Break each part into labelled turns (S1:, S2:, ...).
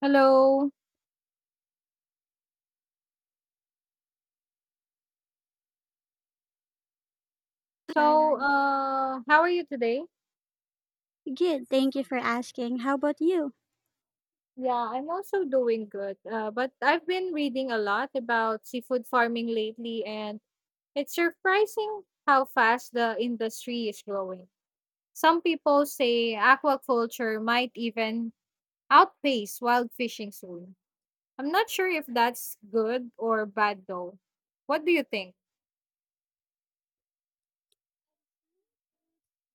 S1: Hello. So,
S2: Thailand.
S1: uh, how are you today?
S2: Good, thank you for asking. How about you?
S1: Yeah, I'm also doing good. But I've been reading a lot about seafood farming lately, and it's surprising how fast the industry is growing. Some people say aquaculture might even outpace wild fishing soon. I'm not sure if that's good or bad, though. What do you think?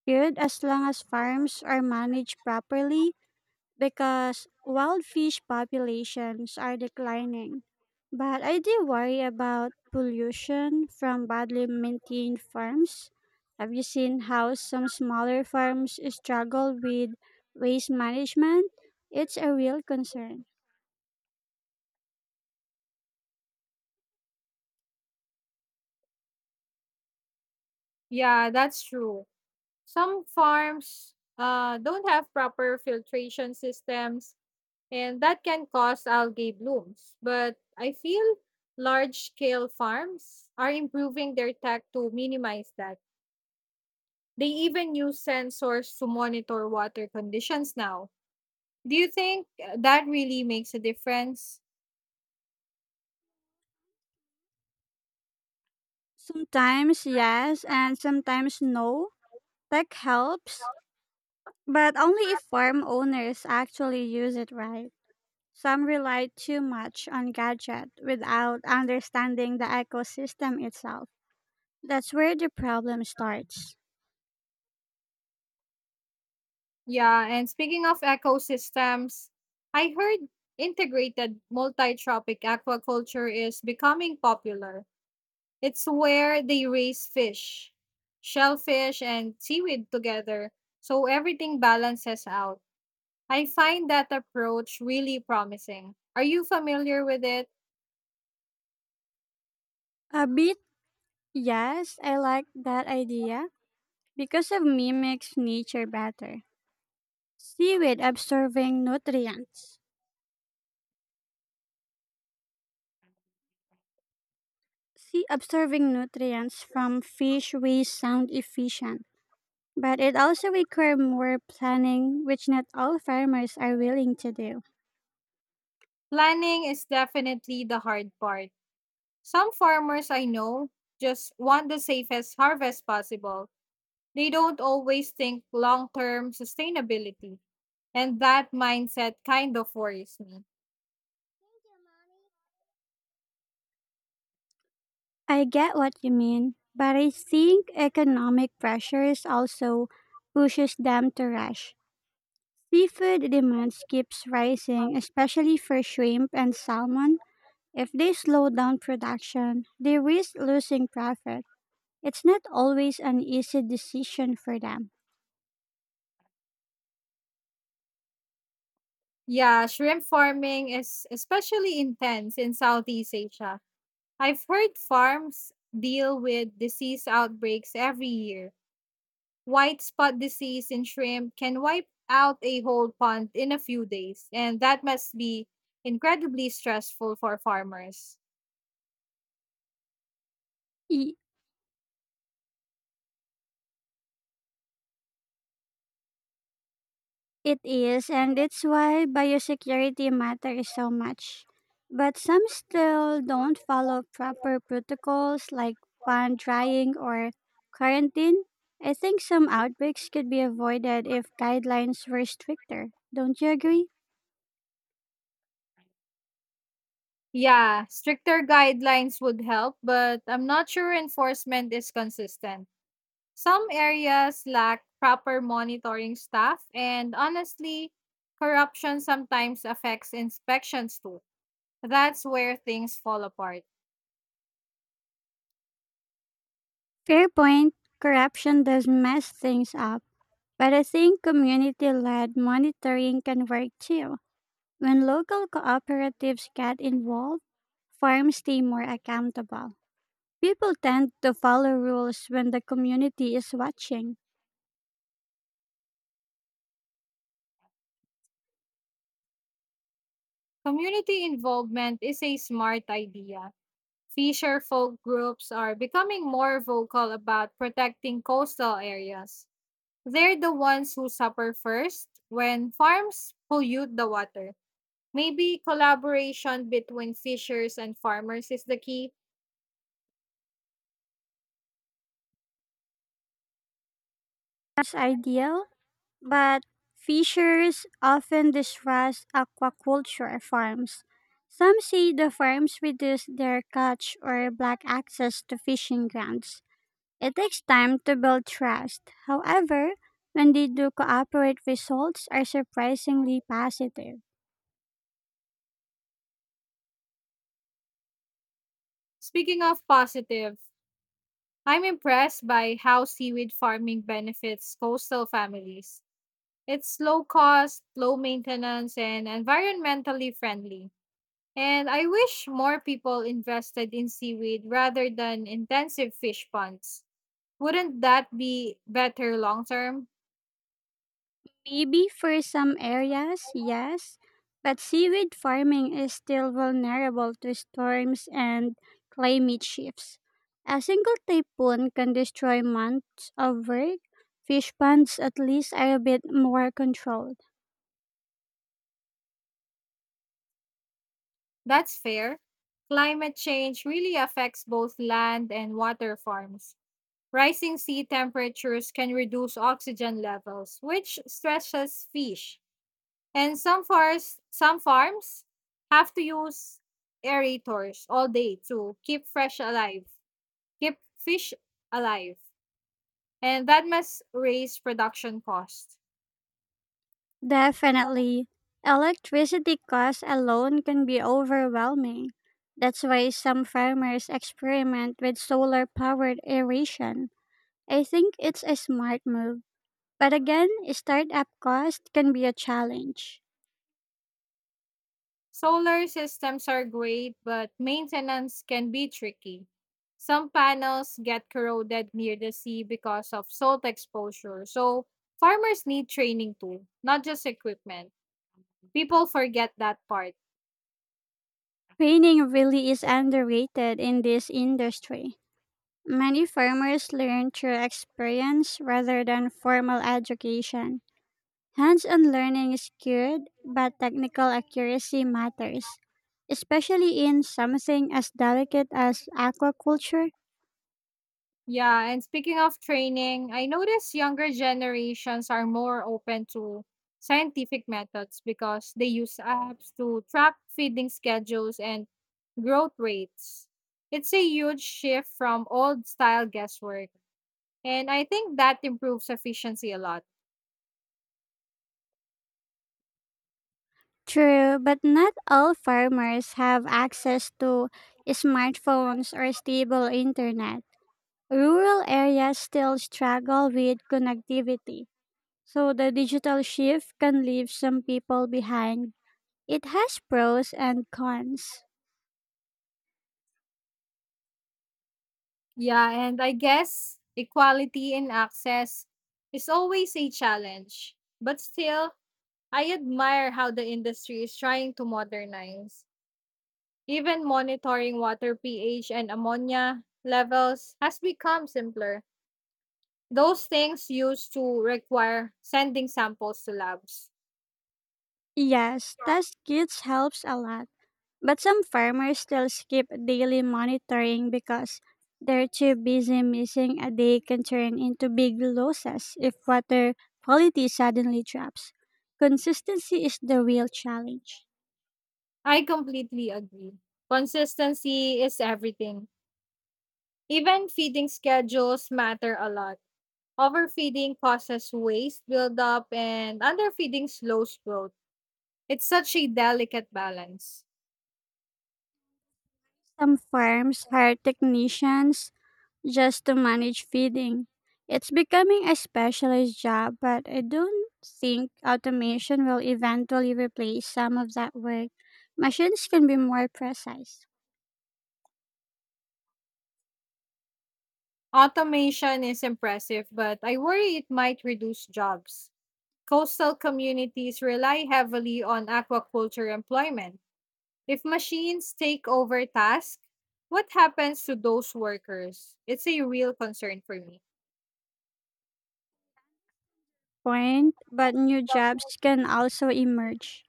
S2: Good, as long as farms are managed properly because wild fish populations are declining. But I do worry about pollution from badly maintained farms. Have you seen how some smaller farms struggle with waste management? It's a real concern.
S1: Yeah, that's true. Some farms don't have proper filtration systems and that can cause algae blooms. But I feel large scale farms are improving their tech to minimize that. They even use sensors to monitor water conditions now. Do you think that really makes a difference?
S2: Sometimes yes, and sometimes no. Tech helps, but only if farm owners actually use it right. Some rely too much on gadget without understanding the ecosystem itself. That's where the problem starts.
S1: Yeah, and speaking of ecosystems, I heard integrated multi tropic aquaculture is becoming popular. It's where they raise fish, shellfish, and seaweed together, so everything balances out. I find that approach really promising. Are you familiar with it?
S2: A bit, yes, I like that idea because it mimics nature better. Seaweed absorbing nutrients. See, absorbing nutrients from fish waste sound efficient, but it also requires more planning, which not all farmers are willing to do.
S1: Planning is definitely the hard part. Some farmers I know just want the safest harvest possible. They don't always think long term sustainability, and that mindset kind of worries me.
S2: I get what you mean, but I think economic pressures also pushes them to rush. Seafood demands keeps rising, especially for shrimp and salmon. If they slow down production, they risk losing profit. It's not always an easy decision for them.
S1: Yeah, shrimp farming is especially intense in Southeast Asia. I've heard farms deal with disease outbreaks every year. White spot disease in shrimp can wipe out a whole pond in a few days, and that must be incredibly stressful for farmers.
S2: E- It is, and it's why biosecurity matters so much. But some still don't follow proper protocols like pan drying or quarantine. I think some outbreaks could be avoided if guidelines were stricter. Don't you agree?
S1: Yeah, stricter guidelines would help, but I'm not sure enforcement is consistent. Some areas lack proper monitoring staff, and honestly, corruption sometimes affects inspections too. That's where things fall apart.
S2: Fair point. Corruption does mess things up, but I think community led monitoring can work too. When local cooperatives get involved, farms stay more accountable. People tend to follow rules when the community is watching.
S1: Community involvement is a smart idea. Fisher folk groups are becoming more vocal about protecting coastal areas. They're the ones who suffer first when farms pollute the water. Maybe collaboration between fishers and farmers is the key.
S2: That's ideal, but fishers often distrust aquaculture farms. Some say the farms reduce their catch or block access to fishing grounds. It takes time to build trust. However, when they do cooperate, results are surprisingly positive.
S1: Speaking of positive, I'm impressed by how seaweed farming benefits coastal families. It's low cost, low maintenance, and environmentally friendly. And I wish more people invested in seaweed rather than intensive fish ponds. Wouldn't that be better long term?
S2: Maybe for some areas, yes, but seaweed farming is still vulnerable to storms and climate shifts. A single typhoon can destroy months of work. Fish ponds at least are a bit more controlled.
S1: That's fair. Climate change really affects both land and water farms. Rising sea temperatures can reduce oxygen levels, which stresses fish. And some farms have to use aerators all day to keep fish alive, and that must raise production costs.
S2: Definitely. Electricity costs alone can be overwhelming. That's why some farmers experiment with solar powered aeration. I think it's a smart move, but again, startup cost can be a challenge.
S1: Solar systems are great, but maintenance can be tricky. Some panels get corroded near the sea because of salt exposure. So, farmers need training too, not just equipment. People forget that part.
S2: Training really is underrated in this industry. Many farmers learn through experience rather than formal education. Hands on learning is good, but technical accuracy matters, especially in something as delicate as aquaculture.
S1: Yeah, and speaking of training, I notice younger generations are more open to scientific methods because they use apps to track feeding schedules and growth rates. It's a huge shift from old style guesswork, and I think that improves efficiency a lot.
S2: True, but not all farmers have access to smartphones or stable internet. Rural areas still struggle with connectivity, so the digital shift can leave some people behind. It has pros and cons.
S1: Yeah, and I guess equality in access is always a challenge, but still, I admire how the industry is trying to modernize. Even monitoring water pH and ammonia levels has become simpler. Those things used to require sending samples to labs.
S2: Yes, test kits helps a lot, but some farmers still skip daily monitoring because they're too busy missing a day can turn into big losses if water quality suddenly drops. Consistency is the real challenge.
S1: I completely agree. Consistency is everything. Even feeding schedules matter a lot. Overfeeding causes waste buildup and underfeeding slows growth. It's such a delicate balance.
S2: Some farms hire technicians just to manage feeding. It's becoming a specialized job, but I don't think automation will eventually replace some of that work. Machines can be more precise,
S1: Automation is impressive, but I worry it might reduce jobs. Coastal communities rely heavily on aquaculture employment. If machines take over tasks, what happens to those workers? It's a real concern for me.
S2: point, but new jobs can also emerge.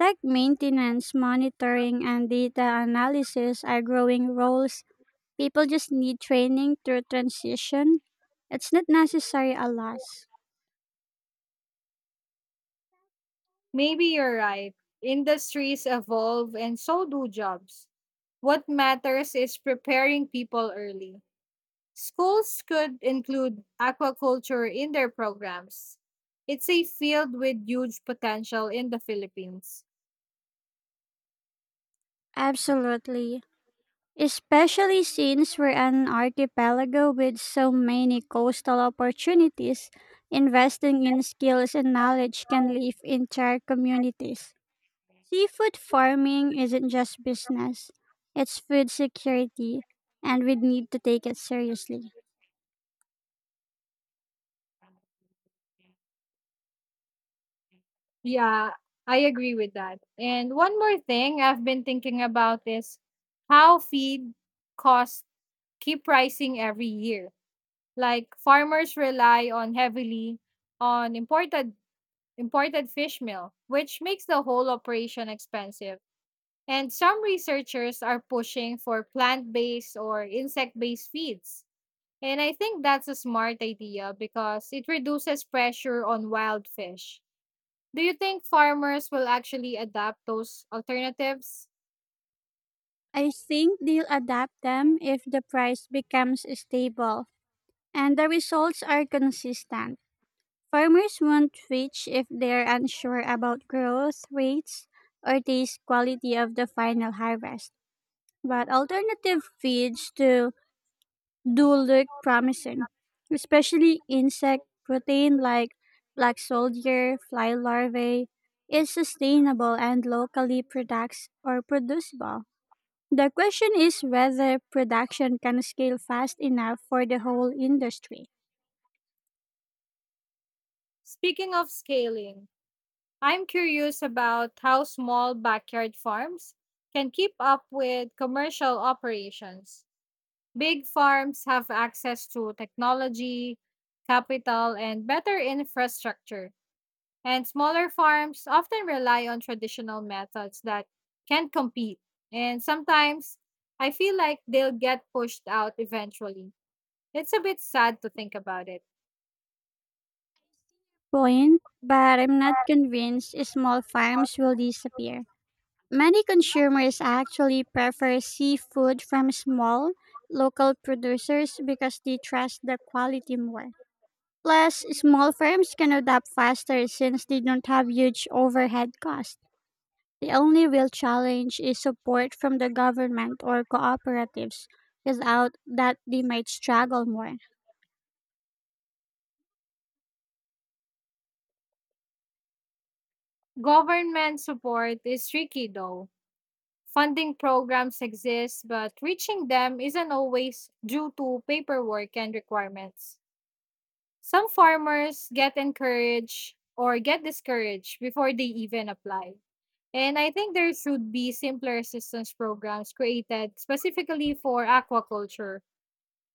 S2: Tech maintenance, monitoring, and data analysis are growing roles. People just need training through transition. It's not necessary a loss.
S1: Maybe you're right. Industries evolve and so do jobs. What matters is preparing people early. Schools could include aquaculture in their programs. It's a field with huge potential in the Philippines.
S2: Absolutely. Especially since we're an archipelago with so many coastal opportunities, investing in skills and knowledge can lift entire communities. Seafood farming isn't just business, it's food security, and we need to take it seriously.
S1: Yeah, I agree with that. And one more thing I've been thinking about is how feed costs keep rising every year. Like farmers rely on heavily on imported fish meal, which makes the whole operation expensive. And some researchers are pushing for plant-based or insect-based feeds. And I think that's a smart idea because it reduces pressure on wild fish. Do you think farmers will actually adapt those alternatives?
S2: I think they'll adapt them if the price becomes stable and the results are consistent. Farmers won't reach if they're unsure about growth rates or taste quality of the final harvest. But alternative feeds to do look promising, especially insect protein like black soldier, fly larvae, is sustainable and locally products or producible. The question is whether production can scale fast enough for the whole industry.
S1: Speaking of scaling, I'm curious about how small backyard farms can keep up with commercial operations. Big farms have access to technology, capital, and better infrastructure, and smaller farms often rely on traditional methods that can't compete. And sometimes I feel like they'll get pushed out eventually. It's a bit sad to think about it.
S2: Point, but I'm not convinced small farms will disappear. Many consumers actually prefer seafood from small, local producers because they trust the quality more. Plus, small firms can adapt faster since they don't have huge overhead costs. The only real challenge is support from the government or cooperatives. Without that, they might struggle more.
S1: Government support is tricky though. Funding programs exist, but reaching them isn't always due to paperwork and requirements. Some farmers get encouraged or get discouraged before they even apply. And I think there should be simpler assistance programs created specifically for aquaculture.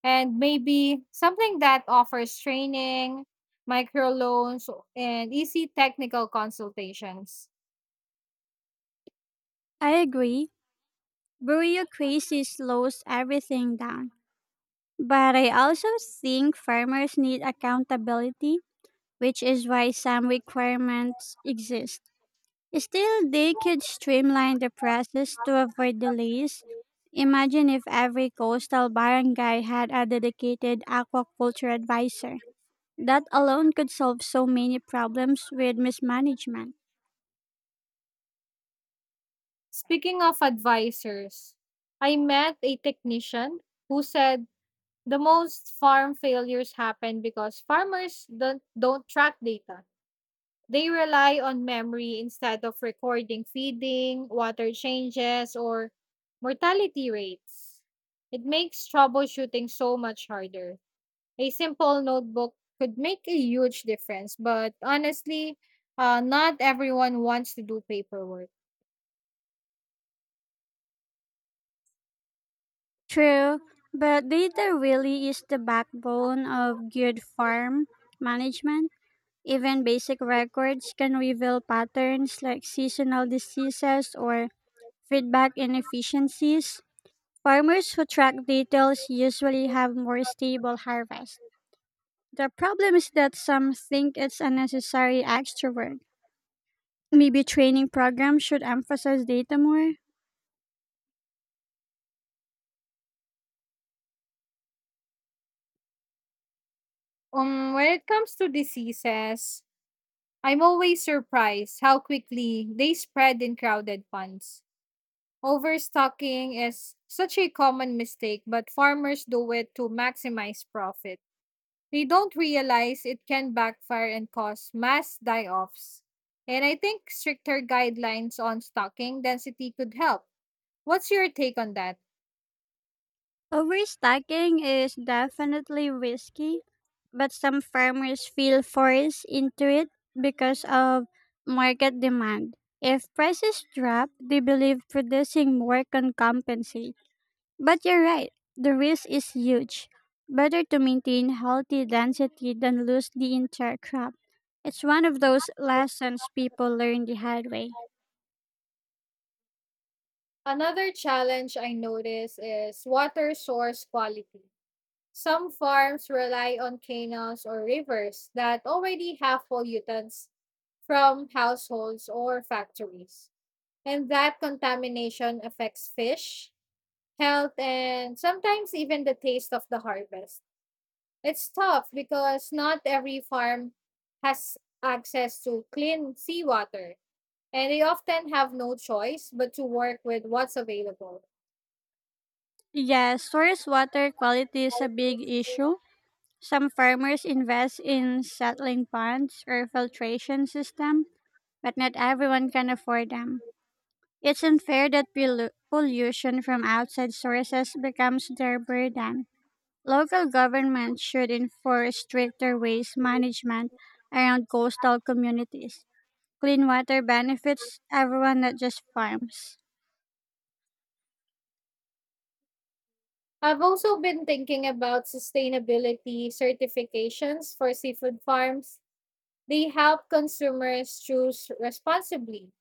S1: And maybe something that offers training, microloans, and easy technical consultations.
S2: I agree. Bureaucracy slows everything down, but I also think farmers need accountability, which is why some requirements exist. Still, they could streamline the process to avoid delays. Imagine if every coastal barangay had a dedicated aquaculture advisor. That alone could solve so many problems with mismanagement.
S1: Speaking of advisors, I met a technician who said the most farm failures happen because farmers don't track data. They rely on memory instead of recording feeding, water changes, or mortality rates. It makes troubleshooting so much harder. A simple notebook could make a huge difference, but honestly, not everyone wants to do paperwork.
S2: True, but data really is the backbone of good farm management. Even basic records can reveal patterns like seasonal diseases or feedback inefficiencies. Farmers who track details usually have more stable harvest. The problem is that some think it's unnecessary extra work. Maybe training programs should emphasize data more.
S1: When it comes to diseases, I'm always surprised how quickly they spread in crowded ponds. Overstocking is such a common mistake, but farmers do it to maximize profit. They don't realize it can backfire and cause mass die offs. And I think stricter guidelines on stocking density could help. What's your take on that?
S2: Overstocking is definitely risky, but some farmers feel forced into it because of market demand. If prices drop, they believe producing more can compensate. But you're right, the risk is huge. Better to maintain healthy density than lose the entire crop. It's one of those lessons people learn the hard way.
S1: Another challenge I notice is water source quality. Some farms rely on canals or rivers that already have pollutants from households or factories, and that contamination affects fish, health, and sometimes even the taste of the harvest. It's tough because not every farm has access to clean seawater, and they often have no choice but to work with what's available.
S2: Yes, source water quality is a big issue. Some farmers invest in settling ponds or filtration system, but not everyone can afford them. It's unfair that pollution from outside sources becomes their burden. Local governments should enforce stricter waste management around coastal communities. Clean water benefits everyone, not just farms.
S1: I've also been thinking about sustainability certifications for seafood farms. They help consumers choose responsibly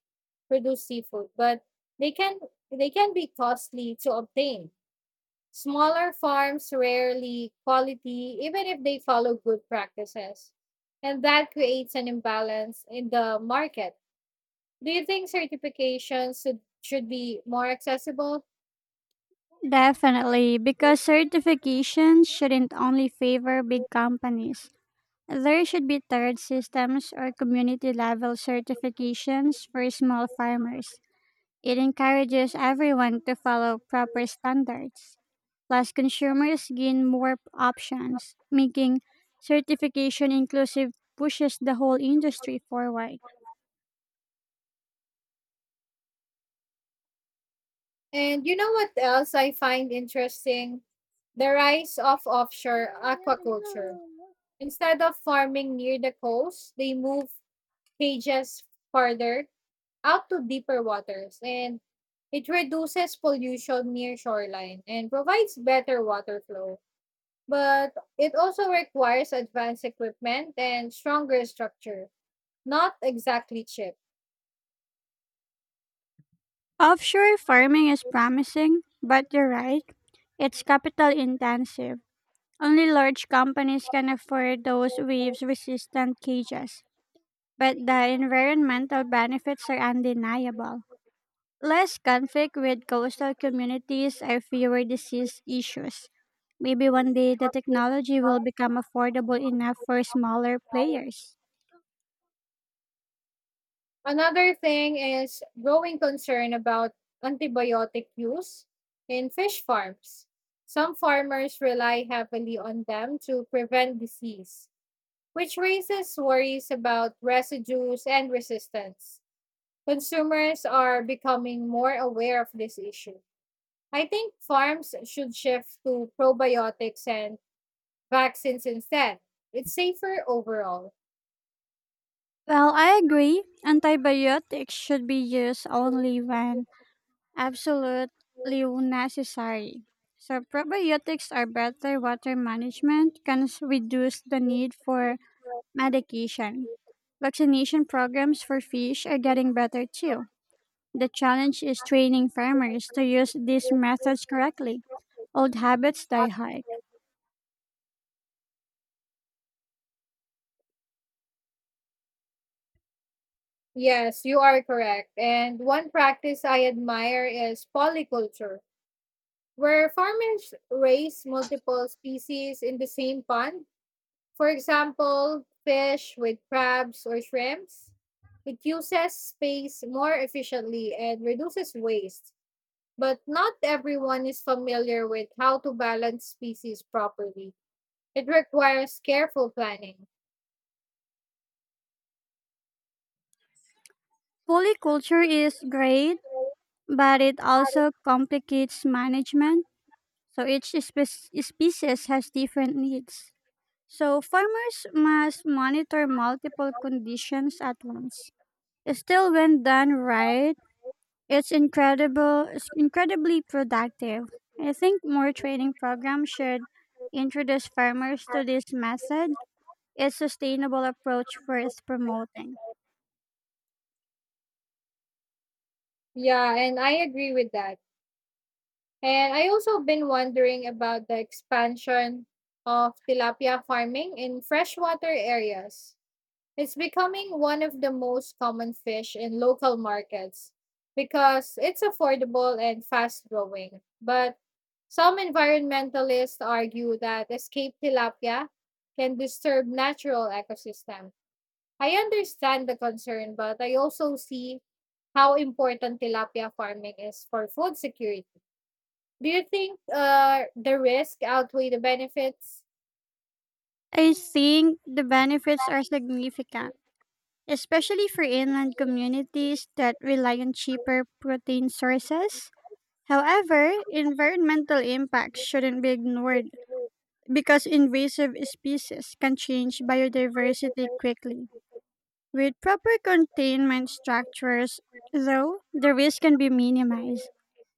S1: produced seafood, but they can they can be costly to obtain. Smaller farms rarely quality, even if they follow good practices. And that creates an imbalance in the market. Do you think certifications should be more accessible?
S2: Definitely, because certifications shouldn't only favor big companies. There should be tiered systems or community level certifications for small farmers. It encourages everyone to follow proper standards. Plus, consumers gain more options, making certification inclusive pushes the whole industry forward.
S1: And you know what else I find interesting? The rise of offshore aquaculture. Instead of farming near the coast, they move cages farther out to deeper waters, and it reduces pollution near shoreline and provides better water flow. But it also requires advanced equipment and stronger structure, not exactly cheap.
S2: Offshore farming is promising, but you're right, it's capital intensive. Only large companies can afford those waves resistant cages, but the environmental benefits are undeniable. Less conflict with coastal communities and fewer disease issues. Maybe one day the technology will become affordable enough for smaller players.
S1: Another thing is growing concern about antibiotic use in fish farms. Some farmers rely heavily on them to prevent disease, which raises worries about residues and resistance. Consumers are becoming more aware of this issue. I think farms should shift to probiotics and vaccines instead. It's safer overall.
S2: Well, I agree. Antibiotics should be used only when absolutely necessary. So, probiotics are better water management, reduce the need for medication. Vaccination programs for fish are getting better too. The challenge is training farmers to use these methods correctly. Old habits die hard.
S1: Yes, you are correct. And one practice I admire is polyculture, where farmers raise multiple species in the same pond. For example, fish with crabs or shrimps. It uses space more efficiently and reduces waste, but not everyone is familiar with how to balance species properly. It requires careful planning.
S2: Polyculture is great, but it also complicates management, so each species has different needs. So farmers must monitor multiple conditions at once. Still, when done right, it's incredibly productive. I think more training programs should introduce farmers to this method. It's sustainable approach worth promoting.
S1: Yeah, and I agree with that. And I also been wondering about the expansion of tilapia farming in freshwater areas. It's becoming one of the most common fish in local markets because it's affordable and fast growing. But some environmentalists argue that escaped tilapia can disturb natural ecosystem. I understand the concern, but I also see how important tilapia farming is for food security. Do you think the risk outweigh the benefits?
S2: I think the benefits are significant, especially for inland communities that rely on cheaper protein sources. However, environmental impacts shouldn't be ignored because invasive species can change biodiversity quickly. With proper containment structures, though, the risk can be minimized.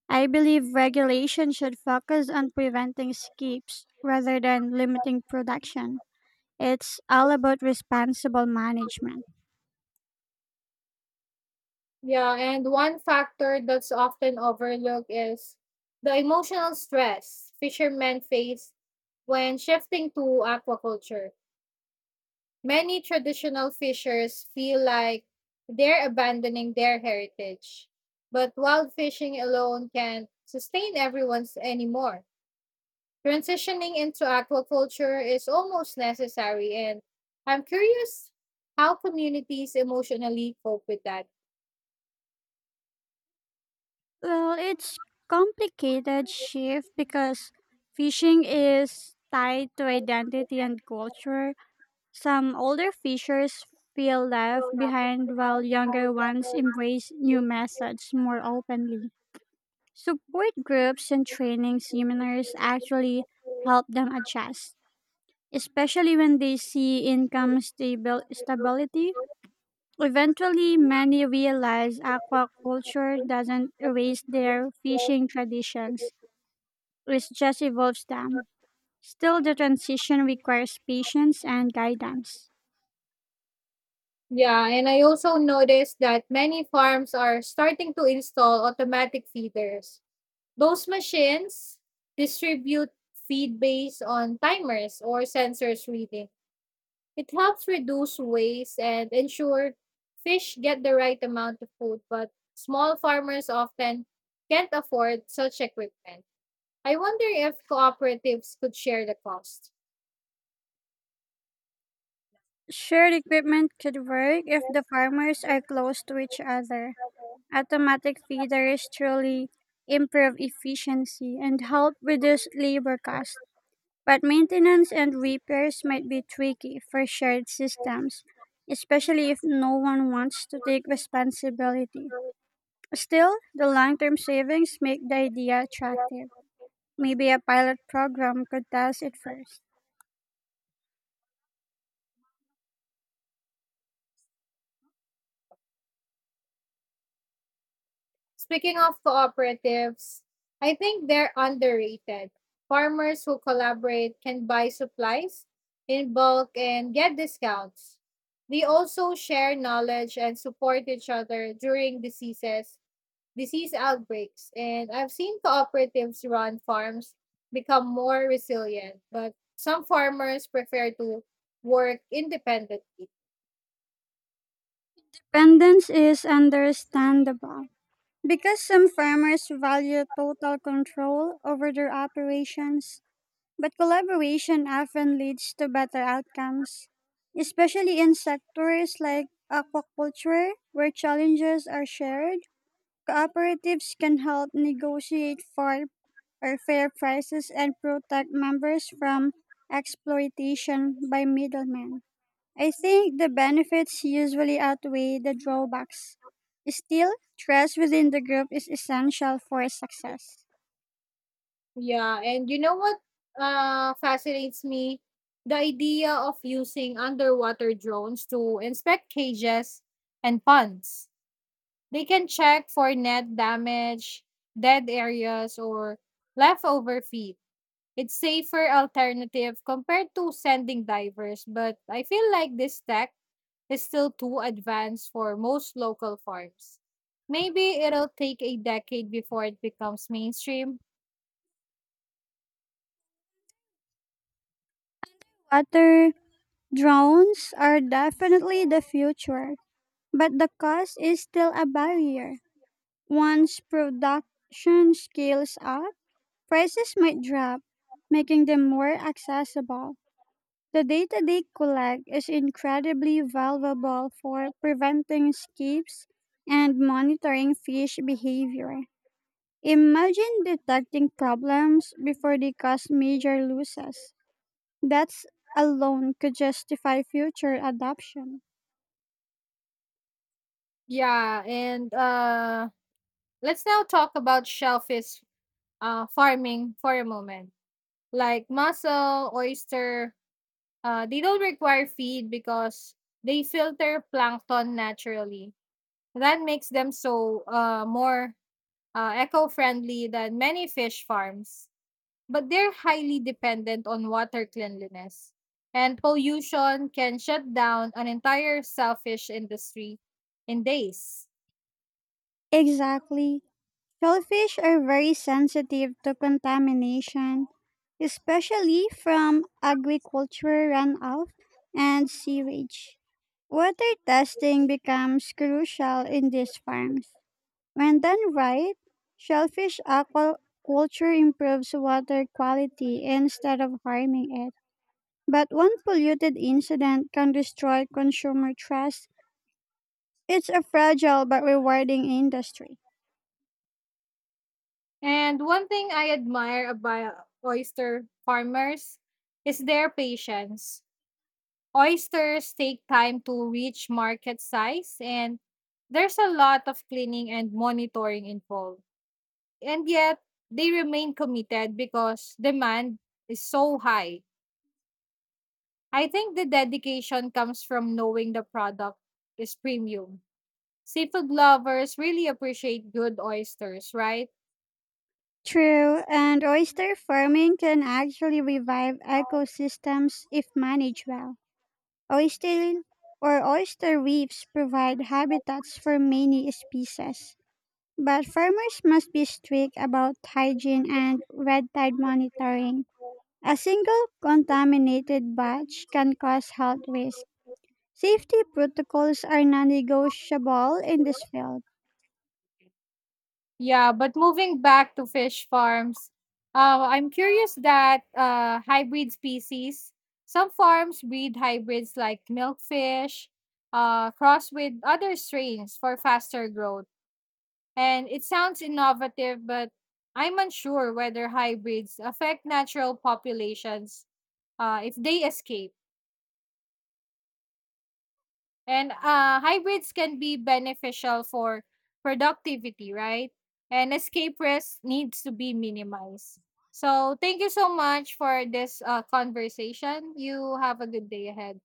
S2: I believe regulation should focus on preventing escapes rather than limiting production. It's all about responsible management.
S1: Yeah, and one factor that's often overlooked is the emotional stress fishermen face when shifting to aquaculture. Many traditional fishers feel like they're abandoning their heritage, but wild fishing alone can't sustain everyone's anymore. Transitioning into aquaculture is almost necessary, and I'm curious how communities emotionally cope with that.
S2: Well, it's complicated shift because fishing is tied to identity and culture. Some older fishers feel left behind while younger ones embrace new methods more openly. Support groups and training seminars actually help them adjust, especially when they see income stability. Eventually, many realize aquaculture doesn't erase their fishing traditions, it just evolves them. Still, the transition requires patience and guidance.
S1: Yeah, and I also noticed that many farms are starting to install automatic feeders. Those machines distribute feed based on timers or sensors reading. It helps reduce waste and ensure fish get the right amount of food, but small farmers often can't afford such equipment. I wonder if cooperatives could share the cost.
S2: Shared equipment could work if the farmers are close to each other. Automatic feeders truly improve efficiency and help reduce labor costs, but maintenance and repairs might be tricky for shared systems, especially if no one wants to take responsibility. Still, the long term savings make the idea attractive. Maybe a pilot program could test it first.
S1: Speaking of cooperatives, I think they're underrated. Farmers who collaborate can buy supplies in bulk and get discounts. They also share knowledge and support each other during disease outbreaks, and I've seen cooperatives run farms become more resilient, but some farmers prefer to work independently.
S2: Dependence is understandable, because some farmers value total control over their operations, but collaboration often leads to better outcomes, especially in sectors like aquaculture, where challenges are shared. Cooperatives can help negotiate for or fair prices and protect members from exploitation by middlemen. I think the benefits usually outweigh the drawbacks. Still, trust within the group is essential for success.
S1: Yeah, and you know what fascinates me? The idea of using underwater drones to inspect cages and ponds. They can check for net damage, dead areas, or leftover feed. It's safer alternative compared to sending divers, but I feel like this tech is still too advanced for most local farms. Maybe it'll take a decade before it becomes mainstream.
S2: Water drones are definitely the future. But the cost is still a barrier. Once production scales up, prices might drop, making them more accessible. The data they collect is incredibly valuable for preventing escapes and monitoring fish behavior. Imagine detecting problems before they cause major losses. That alone could justify future adoption.
S1: Yeah, and let's now talk about shellfish farming for a moment. Like mussel, oyster, they don't require feed because they filter plankton naturally. That makes them more eco-friendly than many fish farms. But they're highly dependent on water cleanliness. And pollution can shut down an entire shellfish industry in days.
S2: Exactly. Shellfish are very sensitive to contamination, especially from agricultural runoff and sewage. Water testing becomes crucial in these farms. When done right, shellfish aquaculture improves water quality instead of harming it. But one polluted incident can destroy consumer trust. It's a fragile but rewarding industry.
S1: And one thing I admire about oyster farmers is their patience. Oysters take time to reach market size, and there's a lot of cleaning and monitoring involved. And yet, they remain committed because demand is so high. I think the dedication comes from knowing the product is premium. Seafood lovers really appreciate good oysters, right?
S2: True, and oyster farming can actually revive ecosystems if managed well. Oyster oyster reefs provide habitats for many species, but farmers must be strict about hygiene and red tide monitoring. A single contaminated batch can cause health risk. Safety protocols are non-negotiable in this field.
S1: Yeah, but moving back to fish farms, I'm curious that hybrid species. Some farms breed hybrids like milkfish, cross with other strains for faster growth. And it sounds innovative, but I'm unsure whether hybrids affect natural populations if they escape. And hybrids can be beneficial for productivity, right? And escape risk needs to be minimized. So, thank you so much for this conversation. You have a good day ahead.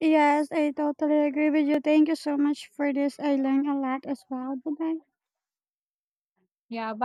S2: Yes, I totally agree with you. Thank you so much for this. I learned a lot as well. Bye bye.
S1: Yeah, bye.